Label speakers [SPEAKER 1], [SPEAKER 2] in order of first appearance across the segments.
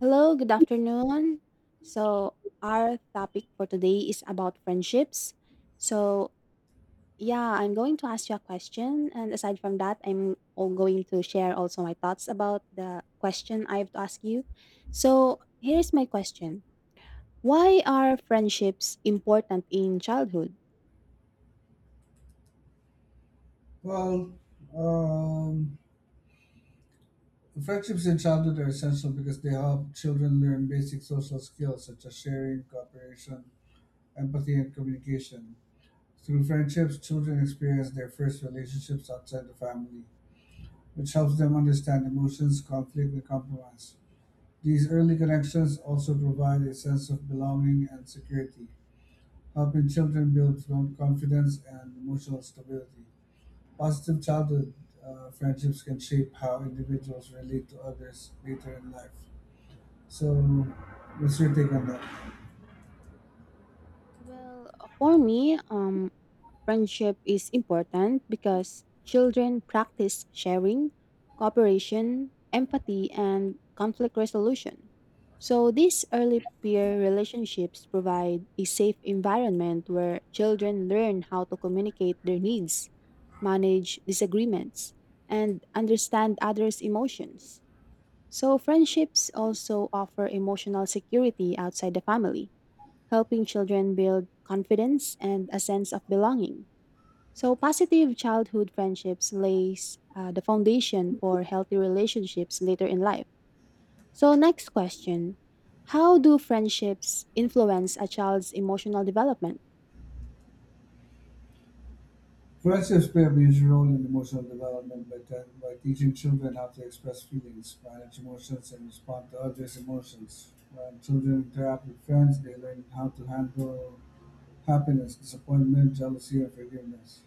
[SPEAKER 1] Hello, good afternoon. So, our topic for today is about friendships. So, yeah, I'm going to ask you a question. And aside from that, I'm all going to share also my thoughts about the question I have to ask you. So, here's my question. Why are friendships important in childhood?
[SPEAKER 2] Well, um, Friendships in childhood are essential because they help children learn basic social skills such as sharing, cooperation, empathy, and communication. Through friendships, children experience their first relationships outside the family, which helps them understand emotions, conflict, and compromise. These early connections also provide a sense of belonging and security, helping children build confidence and emotional stability. Positive childhood friendships can shape how individuals relate to others later in life. So, what's your take on that?
[SPEAKER 1] Well, for me, friendship is important because children practice sharing, cooperation, empathy, and conflict resolution. So, these early peer relationships provide a safe environment where children learn how to communicate their needs, manage disagreements, and understand others' emotions. So, friendships also offer emotional security outside the family, helping children build confidence and a sense of belonging. So, positive childhood friendships lays the foundation for healthy relationships later in life. So, next question. How do friendships influence a child's emotional development?
[SPEAKER 2] Friendships play a major role in emotional development by teaching children how to express feelings, manage emotions, and respond to others' emotions. When children interact with friends, they learn how to handle happiness, disappointment, jealousy, and forgiveness.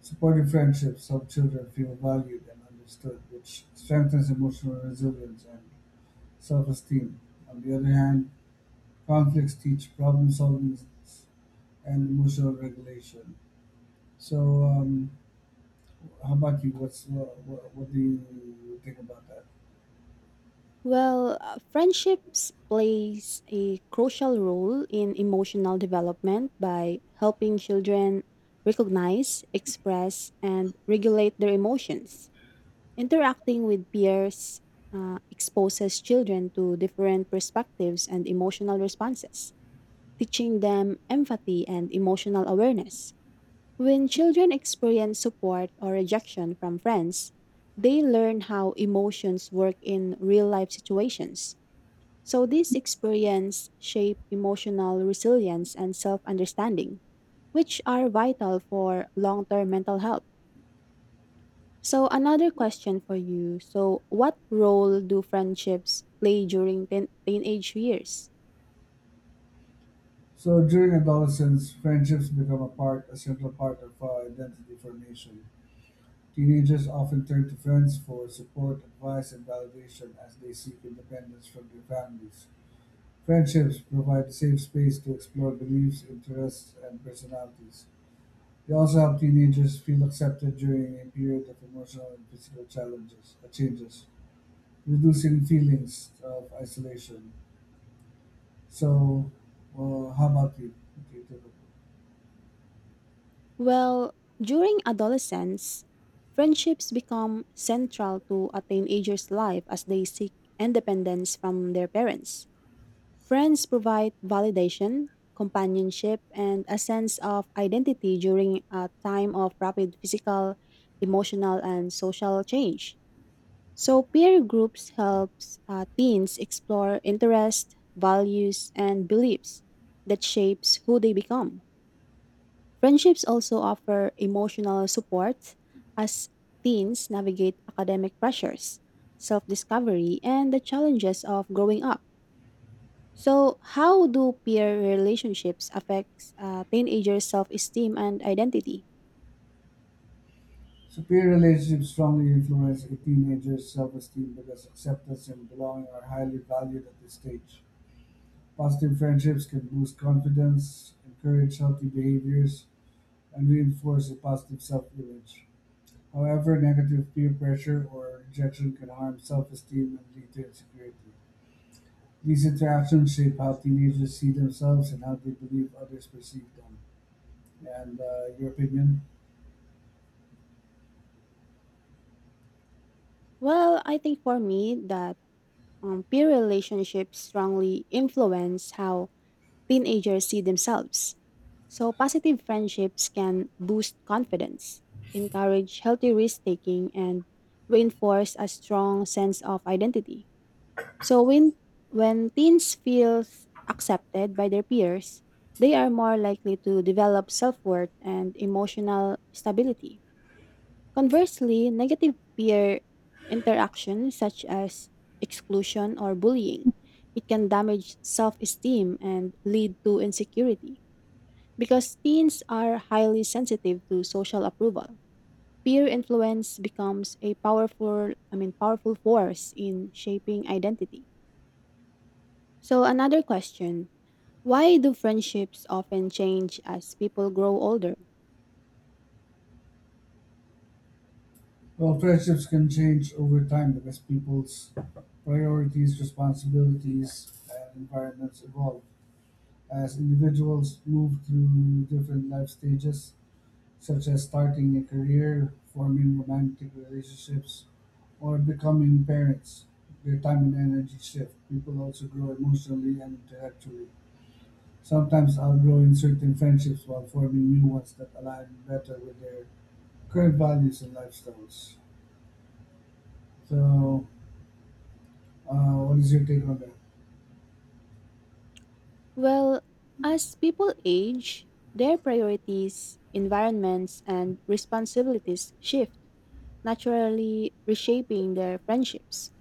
[SPEAKER 2] Supportive friendships help children feel valued and understood, which strengthens emotional resilience and self-esteem. On the other hand, conflicts teach problem-solving and emotional regulation. So, um, how about you? What's what do you think about that?
[SPEAKER 1] Well, friendships plays a crucial role in emotional development by helping children recognize, express, and regulate their emotions. Interacting with peers exposes children to different perspectives and emotional responses, teaching them empathy and emotional awareness. When children experience support or rejection from friends, they learn how emotions work in real life situations. So, these experience shape emotional resilience and self understanding, which are vital for long term mental health. So, another question for you. So, what role do friendships play during teenage years?
[SPEAKER 2] So, during adolescence, friendships become a central part of identity formation. Teenagers often turn to friends for support, advice, and validation as they seek independence from their families. Friendships provide a safe space to explore beliefs, interests, and personalities. They also help teenagers feel accepted during a period of emotional and physical challenges changes, reducing feelings of isolation. So, how about you? What do it?
[SPEAKER 1] Well, during adolescence, friendships become central to a teenager's life as they seek independence from their parents. Friends provide validation, companionship, and a sense of identity during a time of rapid physical, emotional, and social change. So peer groups helps teens explore interests, values, and beliefs that shapes who they become. Friendships also offer emotional support as teens navigate academic pressures, self-discovery, and the challenges of growing up. So, how do peer relationships affect teenagers' self-esteem and identity?
[SPEAKER 2] Superior relationships strongly influence a teenager's self-esteem because acceptance and belonging are highly valued at this stage. Positive friendships can boost confidence, encourage healthy behaviors, and reinforce a positive self-image. However, negative peer pressure or rejection can harm self-esteem and lead to insecurity. These interactions shape how teenagers see themselves and how they believe others perceive them. And your opinion?
[SPEAKER 1] Well, I think for me that peer relationships strongly influence how teenagers see themselves. So, positive friendships can boost confidence, encourage healthy risk taking, and reinforce a strong sense of identity. So, when teens feel accepted by their peers, they are more likely to develop self worth and emotional stability. Conversely, negative peer interactions such as exclusion or bullying, it can damage self-esteem and lead to insecurity because teens are highly sensitive to social approval. Peer influence becomes a powerful, I mean powerful force in shaping identity. So another question, why do friendships often change as people grow older?
[SPEAKER 2] Well, friendships can change over time because people's priorities, responsibilities, and environments evolve. As individuals move through different life stages, such as starting a career, forming romantic relationships, or becoming parents, their time and energy shift. People also grow emotionally and intellectually, sometimes outgrowing certain friendships while forming new ones that align better with their current values and lifestyles. So, what is your take on that?
[SPEAKER 1] Well, as people age, their priorities, environments, and responsibilities shift, naturally reshaping their friendships.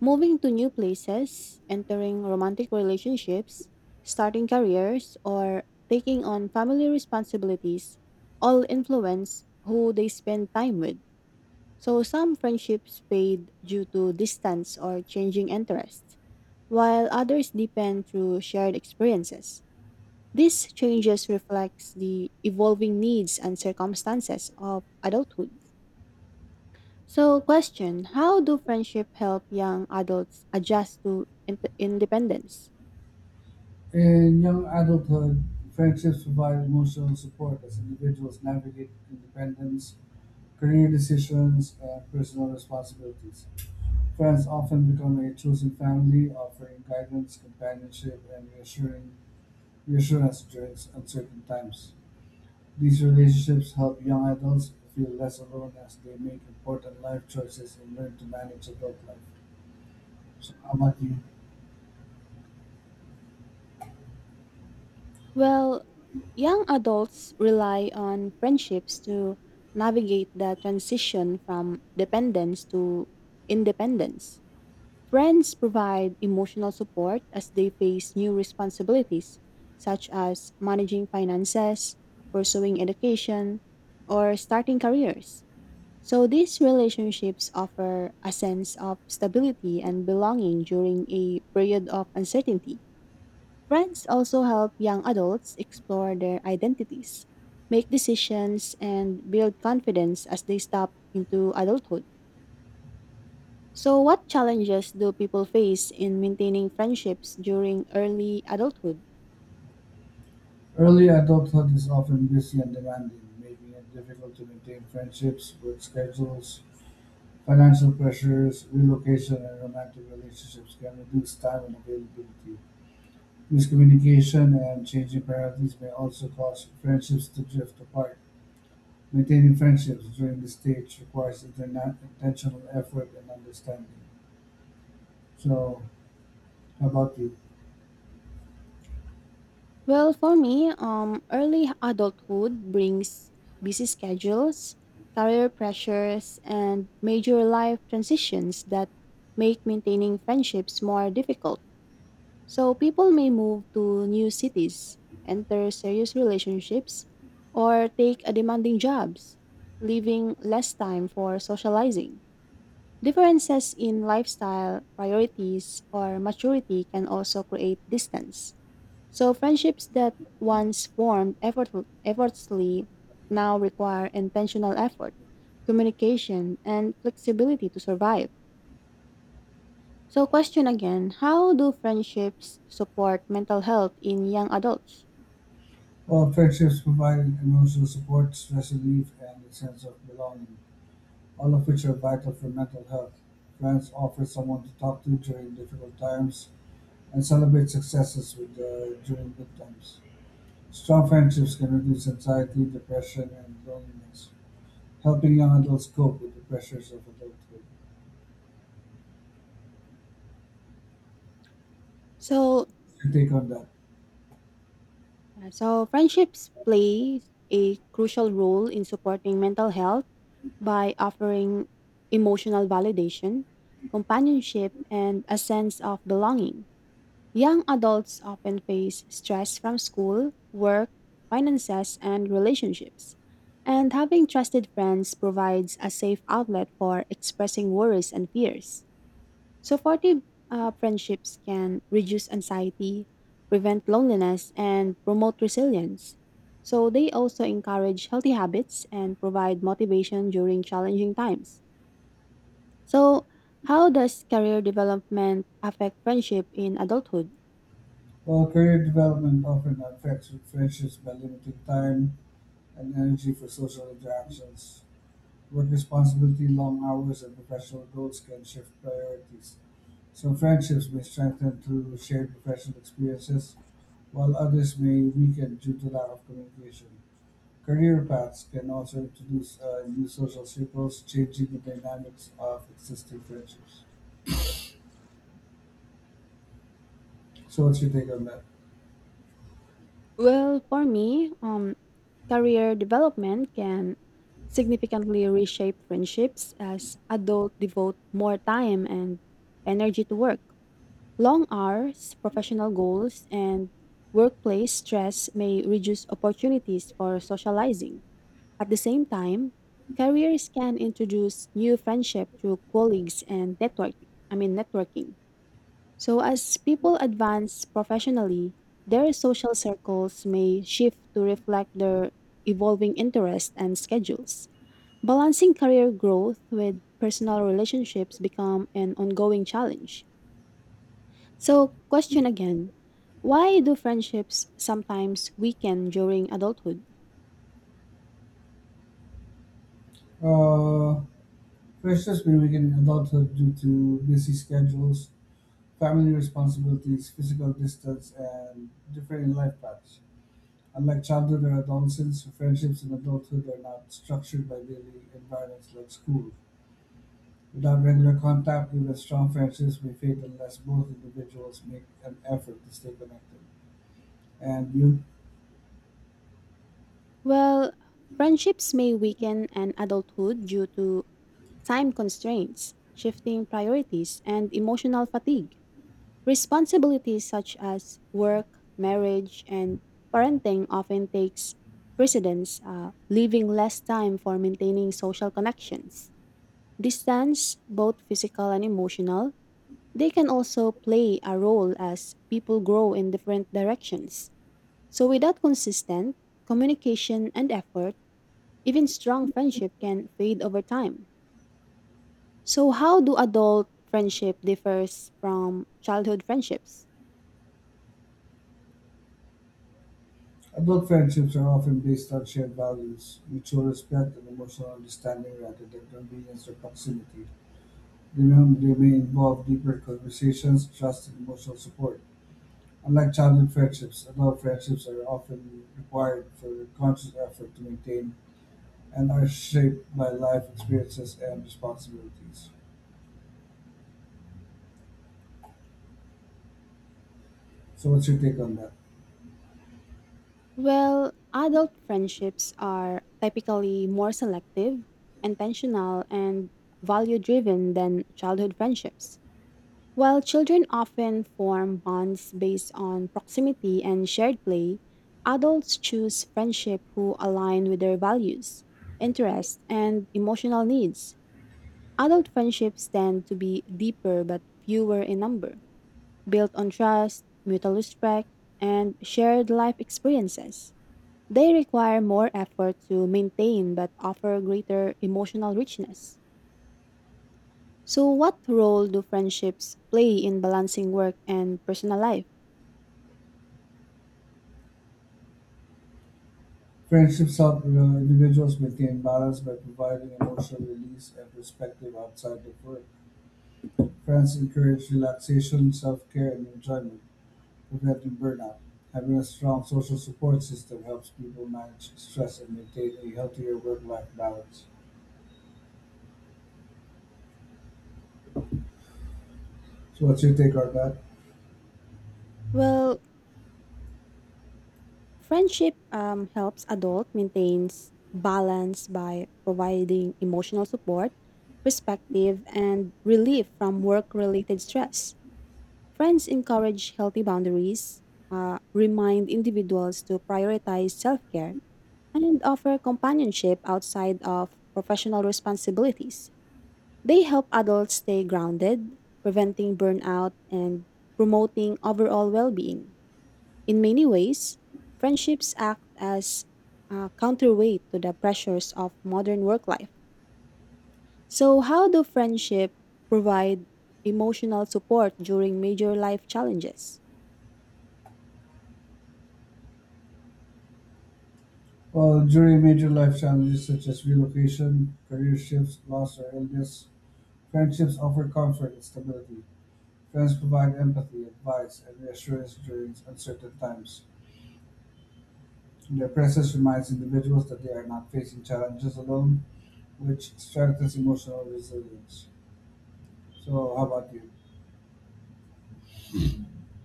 [SPEAKER 1] Moving to new places, entering romantic relationships, starting careers, or taking on family responsibilities all influence who they spend time with. So some friendships fade due to distance or changing interests, while others deepen through shared experiences. These changes reflects the evolving needs and circumstances of adulthood. So, question, how do friendship help young adults adjust to independence?
[SPEAKER 2] In young adulthood, friendships provide emotional support as individuals navigate independence, career decisions, and personal responsibilities. Friends often become a chosen family, offering guidance, companionship, and reassuring reassurance during uncertain times. These relationships help young adults feel less alone as they make important life choices and learn to manage adult life. So, how about you?
[SPEAKER 1] Well, young adults rely on friendships to navigate the transition from dependence to independence. Friends provide emotional support as they face new responsibilities, such as managing finances, pursuing education, or starting careers. So, these relationships offer a sense of stability and belonging during a period of uncertainty. Friends also help young adults explore their identities, make decisions, and build confidence as they step into adulthood. So, what challenges do people face in maintaining friendships during early adulthood?
[SPEAKER 2] Early adulthood is often busy and demanding, making it difficult to maintain friendships. Work schedules, financial pressures, relocation, and romantic relationships can reduce time and availability. Miscommunication and changing priorities may also cause friendships to drift apart. Maintaining friendships during this stage requires intentional effort and understanding. So, how about you?
[SPEAKER 1] Well, for me, early adulthood brings busy schedules, career pressures, and major life transitions that make maintaining friendships more difficult. So, people may move to new cities, enter serious relationships, or take a demanding jobs, leaving less time for socializing. Differences in lifestyle, priorities, or maturity can also create distance. So, friendships that once formed effortlessly now require intentional effort, communication, and flexibility to survive. So, question again. How do friendships support mental health in young adults?
[SPEAKER 2] Well, friendships provide emotional support, stress relief, and a sense of belonging, all of which are vital for mental health. Friends offer someone to talk to during difficult times and celebrate successes with, during good times. Strong friendships can reduce anxiety, depression, and loneliness, helping young adults cope with the pressures of adulthood.
[SPEAKER 1] So,
[SPEAKER 2] Your take on that?
[SPEAKER 1] yeah, so, friendships play a crucial role in supporting mental health by offering emotional validation, companionship, and a sense of belonging. Young adults often face stress from school, work, finances, and relationships. And having trusted friends provides a safe outlet for expressing worries and fears. Supportive friendships can reduce anxiety, prevent loneliness, and promote resilience. So, they also encourage healthy habits and provide motivation during challenging times. So, how does career development affect friendship in adulthood?
[SPEAKER 2] While career development often affects friendships by limiting time and energy for social interactions, work responsibility, long hours, and professional goals can shift priorities. Some friendships may strengthen through shared professional experiences, while others may weaken due to lack of communication. Career paths can also introduce new social circles, changing the dynamics of existing friendships. So, what's your take on that?
[SPEAKER 1] Well, for me, career development can significantly reshape friendships as adults devote more time and energy to work. Long hours, professional goals, and workplace stress may reduce opportunities for socializing. At the same time, careers can introduce new friendship through colleagues and networking. I mean networking. So as people advance professionally, their social circles may shift to reflect their evolving interests and schedules. Balancing career growth with personal relationships become an ongoing challenge. So, question again. Why do friendships sometimes weaken during adulthood?
[SPEAKER 2] Uh, Freshers may begin in adulthood due to busy schedules, family responsibilities, physical distance, and differing life paths. Unlike childhood or adolescence, friendships in adulthood are not structured by daily environments like school. Without regular contact, even strong friendships may fade unless both individuals make an effort to stay connected. And you,
[SPEAKER 1] Well, friendships may weaken in adulthood due to time constraints, shifting priorities, and emotional fatigue. Responsibilities such as work, marriage, and parenting often takes precedence, leaving less time for maintaining social connections. Distance, both physical and emotional, they can also play a role as people grow in different directions. So, without consistent communication and effort, even strong friendship can fade over time. So, how do adult friendship differs from childhood friendships?
[SPEAKER 2] adult friendships are often based on shared values, mutual respect, and emotional understanding rather than convenience or proximity. They may involve deeper conversations, trust, and emotional support. Unlike childhood friendships, adult friendships are often required for conscious effort to maintain and are shaped by life experiences and responsibilities. So, what's your take on that?
[SPEAKER 1] Well, adult friendships are typically more selective, intentional, and value driven than childhood friendships. While children often form bonds based on proximity and shared play, adults choose friendship who align with their values, interests, and emotional needs. Adult friendships tend to be deeper but fewer in number, built on trust, mutual respect, and shared life experiences. They require more effort to maintain but offer greater emotional richness. So, what role do friendships play in balancing work and personal life?
[SPEAKER 2] Friendships help individuals maintain balance by providing emotional release and perspective outside of work. Friends encourage relaxation, self care, and enjoyment, preventing burnout. Having a strong social support system helps people manage stress and maintain a healthier work-life balance. So, what's your take on that?
[SPEAKER 1] Well, friendship helps adult maintains balance by providing emotional support, perspective, and relief from work-related stress. Friends encourage healthy boundaries, remind individuals to prioritize self-care, and offer companionship outside of professional responsibilities. They help adults stay grounded, preventing burnout and promoting overall well-being. In many ways, friendships act as a counterweight to the pressures of modern work life. So, how do friendship provide emotional support during major life challenges?
[SPEAKER 2] Well, during major life challenges such as relocation, career shifts, loss, or illness, friendships offer comfort and stability. Friends provide empathy, advice, and reassurance during uncertain times. Their presence reminds individuals that they are not facing challenges alone, which strengthens emotional resilience. So, how about you?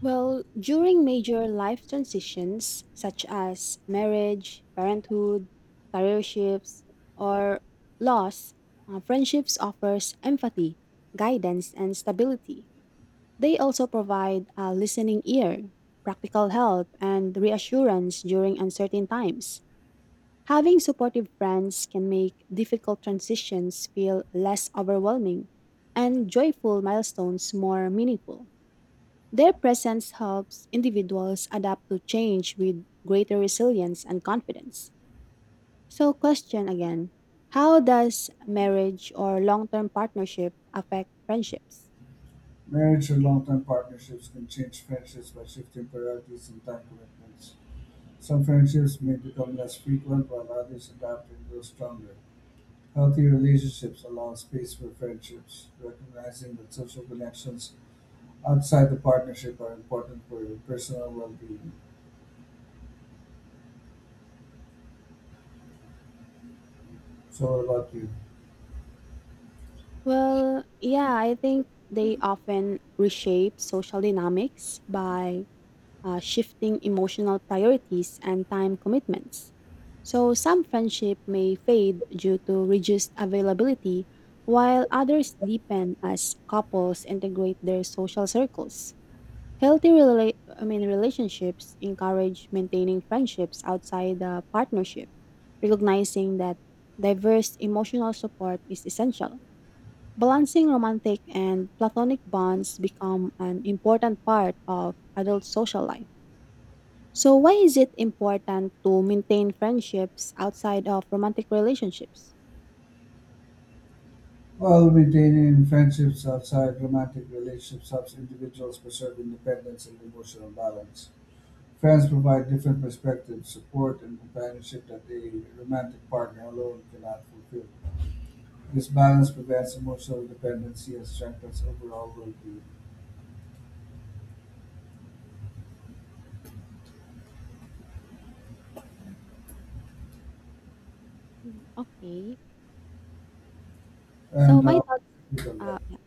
[SPEAKER 1] Well, during major life transitions such as marriage, parenthood, career shifts, or loss, friendships offers empathy, guidance, and stability. They also provide a listening ear, practical help, and reassurance during uncertain times. Having supportive friends can make difficult transitions feel less overwhelming and joyful milestones more meaningful. Their presence helps individuals adapt to change with greater resilience and confidence. So, question again. How does marriage or long term partnership affect friendships?
[SPEAKER 2] Marriage or long-term partnerships can change friendships by shifting priorities and time commitments. Some friendships may become less frequent, while others adapt and grow stronger. Healthy relationships allow space for friendships, recognizing that social connections outside the partnership are important for your personal well-being. So, what about you?
[SPEAKER 1] Well, yeah, I think they often reshape social dynamics by shifting emotional priorities and time commitments. So some friendship may fade due to reduced availability, while others deepen as couples integrate their social circles. Healthy relationships encourage maintaining friendships outside the partnership, recognizing that diverse emotional support is essential. Balancing romantic and platonic bonds become an important part of adult social life. So why is it important to maintain friendships outside of romantic relationships?
[SPEAKER 2] While maintaining friendships outside romantic relationships helps individuals preserve independence and emotional balance. Fans provide different perspectives, support, and companionship that a romantic partner alone cannot fulfill. This balance prevents emotional dependency and strengthens overall well-being
[SPEAKER 1] Mm, okay. So
[SPEAKER 2] and
[SPEAKER 1] my thoughts
[SPEAKER 2] people love.
[SPEAKER 1] yeah.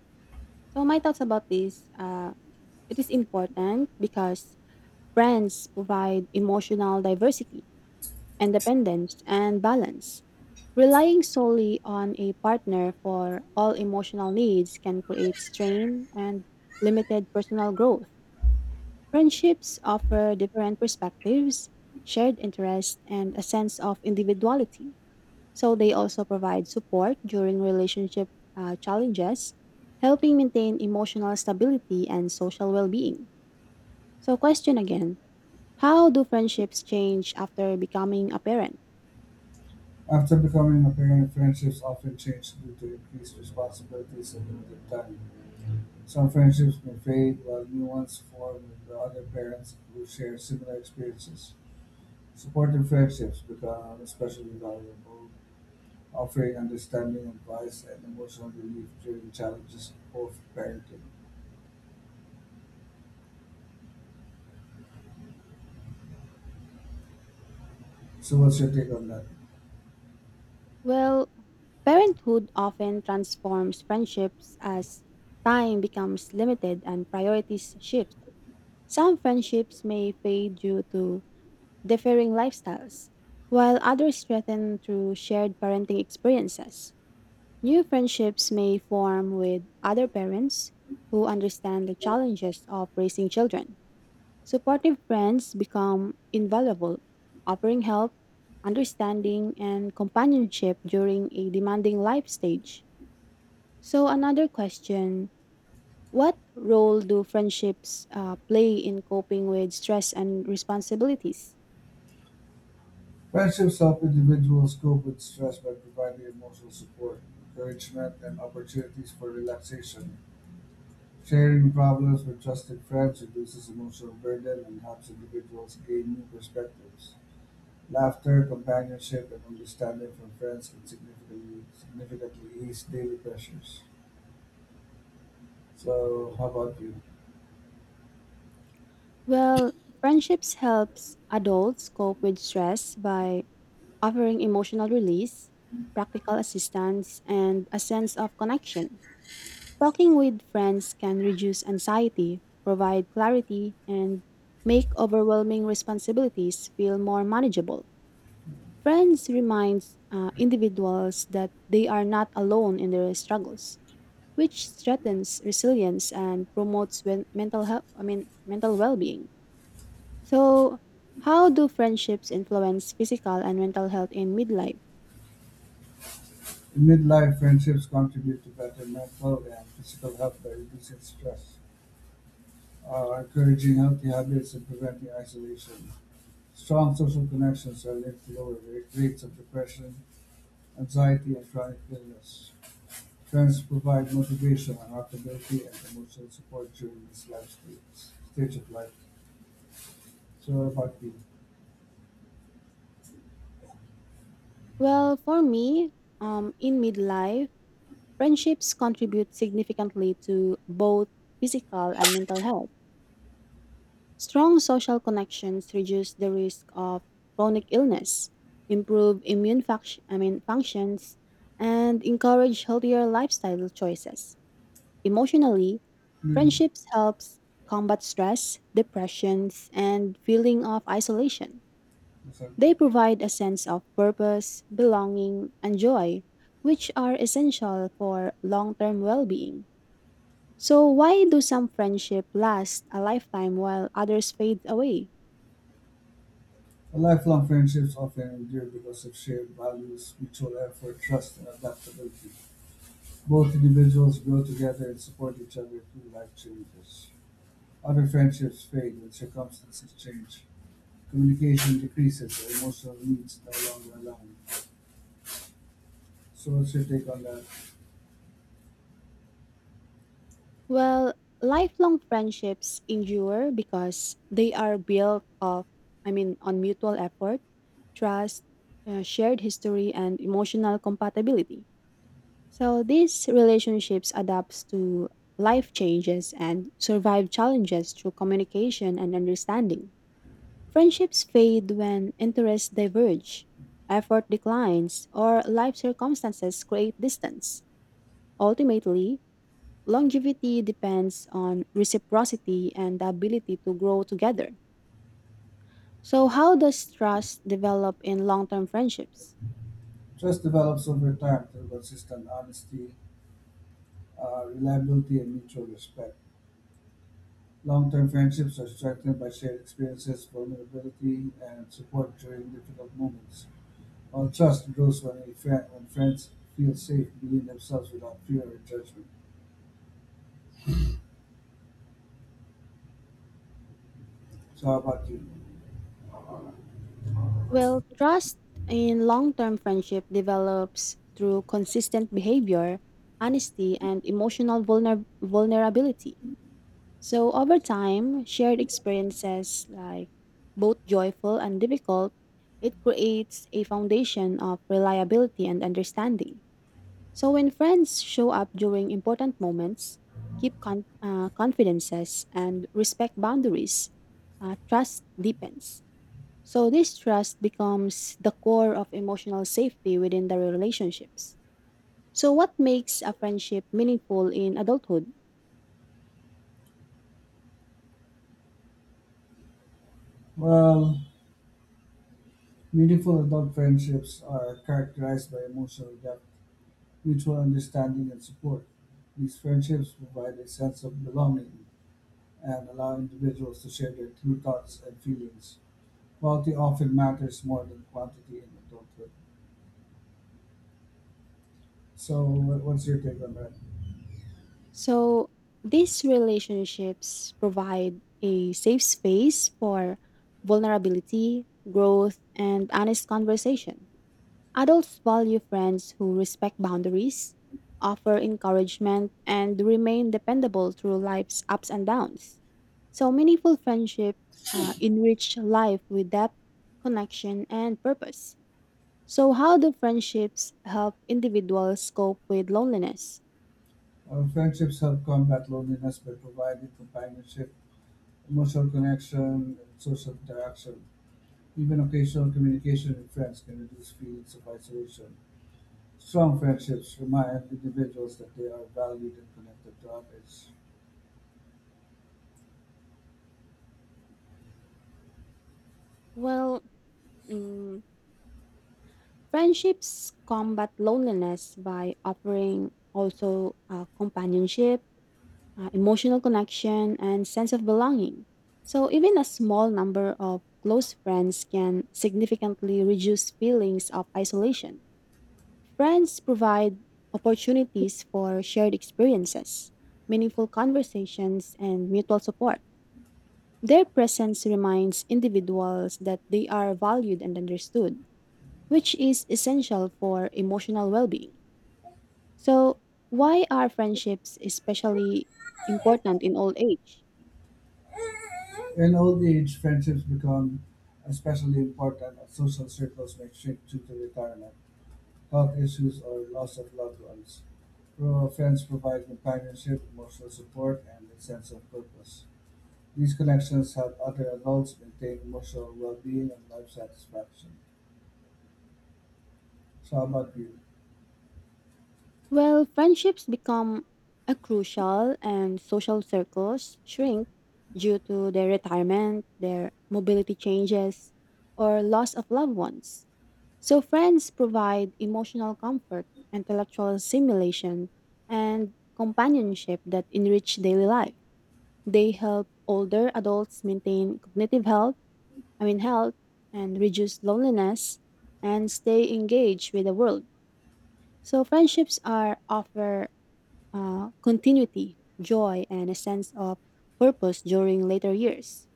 [SPEAKER 1] So my thoughts about this. It is important because friends provide emotional diversity, independence and balance. Relying solely on a partner for all emotional needs can create strain and limited personal growth. Friendships offer different perspectives, shared interests, and a sense of individuality. So they also provide support during relationship challenges, helping maintain emotional stability and social well being. So, question again. How do friendships change after becoming a parent?
[SPEAKER 2] After becoming a parent, friendships often change due to increased responsibilities and limited time. Some friendships may fade, while new ones form with the other parents who share similar experiences. Supportive friendships become especially valuable, offering understanding, advice, and emotional relief during challenges of parenting. So, what's your take on that?
[SPEAKER 1] Well, parenthood often transforms friendships as time becomes limited and priorities shift. Some friendships may fade due to differing lifestyles, while others strengthen through shared parenting experiences. New friendships may form with other parents who understand the challenges of raising children. Supportive friends become invaluable, offering help, understanding, and companionship during a demanding life stage. So, another question. What role do friendships play in coping with stress and responsibilities?
[SPEAKER 2] Friendships help individuals cope with stress by providing emotional support, encouragement, and opportunities for relaxation. Sharing problems with trusted friends reduces emotional burden and helps individuals gain new perspectives. Laughter, companionship, and understanding from friends can significantly ease daily pressures. So, how about you?
[SPEAKER 1] Well, friendships helps adults cope with stress by offering emotional release, practical assistance, and a sense of connection. Talking with friends can reduce anxiety, provide clarity, and make overwhelming responsibilities feel more manageable. Friends reminds individuals that they are not alone in their struggles, which strengthens resilience and promotes mental health. I mean, mental well-being. So, how do friendships influence physical and mental health in midlife?
[SPEAKER 2] In midlife, friendships contribute to better mental and physical health by reducing stress, encouraging healthy habits, and preventing isolation. Strong social connections are linked to lower rates of depression, anxiety, and chronic illness. Friends provide motivation, accountability, and emotional support during this stage of life. So, what about you?
[SPEAKER 1] Well, for me, in midlife, friendships contribute significantly to both physical and mental health. Strong social connections reduce the risk of chronic illness, improve immune function, I mean functions, and encourage healthier lifestyle choices. Emotionally,
[SPEAKER 2] Hmm.
[SPEAKER 1] friendships helps combat stress, depressions, and feeling of isolation.
[SPEAKER 2] Listen.
[SPEAKER 1] They provide a sense of purpose, belonging, and joy, which are essential for long-term well-being. So why do some friendship last a lifetime while others fade away?
[SPEAKER 2] Lifelong friendships often endure because of shared values, mutual effort, trust, and adaptability. Both individuals grow together and support each other through life changes. Other friendships fade when circumstances change, communication decreases, and emotional needs no longer align. So, what's your take on that?
[SPEAKER 1] Well, lifelong friendships endure because they are built of, I mean, on mutual effort, trust, shared history, and emotional compatibility. So these relationships adapts to life changes and survive challenges through communication and understanding. Friendships fade when interests diverge, effort declines, or life circumstances create distance. Ultimately, longevity depends on reciprocity and the ability to grow together. So, how does trust develop in long term friendships?
[SPEAKER 2] Trust develops over time through consistent honesty, reliability, and mutual respect. Long term friendships are strengthened by shared experiences, vulnerability, and support during difficult moments. While trust grows when friends feel safe being themselves without fear or judgment. So, how about you?
[SPEAKER 1] Well, trust in long term friendship develops through consistent behavior, honesty, and emotional vulnerability. So, over time, shared experiences like both joyful and difficult, it creates a foundation of reliability and understanding. So when friends show up during important moments, keep confidences and respect boundaries, trust deepens. So this trust becomes the core of emotional safety within the relationships. So what makes a friendship meaningful in adulthood?
[SPEAKER 2] Well, meaningful adult friendships are characterized by emotional depth, mutual understanding, and support. These friendships provide a sense of belonging and allow individuals to share their true thoughts and feelings. Quality often matters more than quantity in adulthood. So, what's your take on that?
[SPEAKER 1] So these relationships provide a safe space for vulnerability, growth, and honest conversation. Adults value friends who respect boundaries, offer encouragement, and remain dependable through life's ups and downs. So, meaningful friendship enrich life with depth, connection, and purpose. So, how do friendships help individuals cope with loneliness?
[SPEAKER 2] Friendships help combat loneliness by providing companionship, emotional connection, and social interaction. Even occasional communication with friends can reduce feelings of isolation. Strong friendships remind individuals that they are valued and connected to others.
[SPEAKER 1] Well, mm, friendships combat loneliness by offering also companionship emotional connection, and sense of belonging. So, even a small number of close friends can significantly reduce feelings of isolation. Friends provide opportunities for shared experiences, meaningful conversations, and mutual support. Their presence reminds individuals that they are valued and understood, which is essential for emotional well being. So, why are friendships especially important in old age?
[SPEAKER 2] In old age, friendships become especially important as social circles may shrink due to retirement, health issues, or loss of loved ones. Rural friends provide companionship, emotional support, and a sense of purpose. These connections help other adults maintain emotional well-being and life satisfaction. So, how about you?
[SPEAKER 1] Well, friendships become a crucial and social circles shrink due to their retirement, their mobility changes, or loss of loved ones. So, friends provide emotional comfort, intellectual stimulation, and companionship that enrich daily life. They help older adults maintain cognitive health, I mean, health, and reduce loneliness and stay engaged with the world. So, friendships are offer continuity, joy, and a sense of purpose during later years.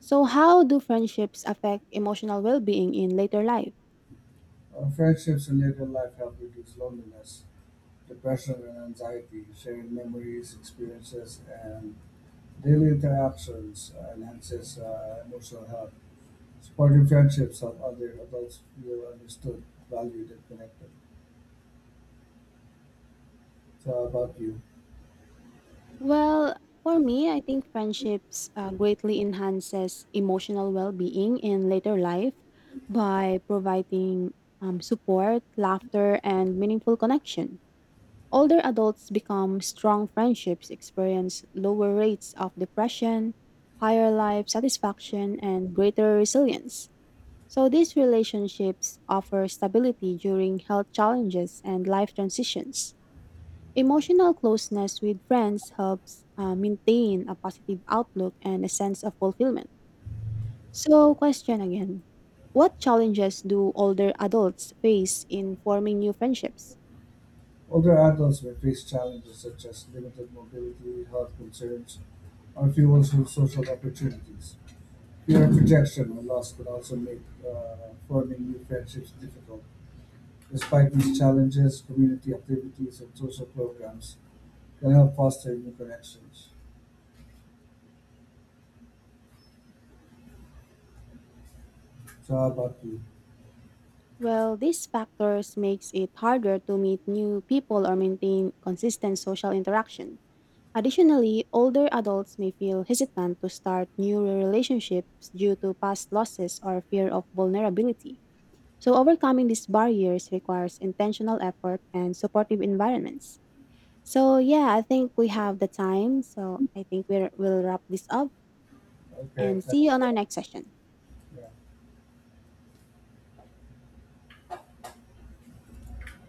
[SPEAKER 1] So, how do friendships affect emotional well being in later life?
[SPEAKER 2] Are friendships in later life help reduce loneliness, depression, and anxiety? Sharing memories, experiences, and daily interactions enhances emotional health. Supportive friendships help other adults feel understood, valued, and connected. So, how about you?
[SPEAKER 1] Well, for me, I think friendships greatly enhances emotional well being in later life by providing support, laughter, and meaningful connection. Older adults become strong friendships, experience lower rates of depression, higher life satisfaction, and greater resilience. So these relationships offer stability during health challenges and life transitions. Emotional closeness with friends helps maintain a positive outlook and a sense of fulfillment. So, question again. What challenges do older adults face in forming new friendships?
[SPEAKER 2] Older adults may face challenges such as limited mobility, health concerns, or fewer social opportunities. Fear of rejection or loss can also make forming new friendships difficult. Despite these challenges, community activities and social programs can help foster new connections. So how about you?
[SPEAKER 1] Well, these factors makes it harder to meet new people or maintain consistent social interaction. Additionally, older adults may feel hesitant to start new relationships due to past losses or fear of vulnerability. So, overcoming these barriers requires intentional effort and supportive environments. So, yeah, I think we have the time. So, I think we'll wrap this up
[SPEAKER 2] Okay.
[SPEAKER 1] and
[SPEAKER 2] That,
[SPEAKER 1] see you on our next session.
[SPEAKER 2] yeah.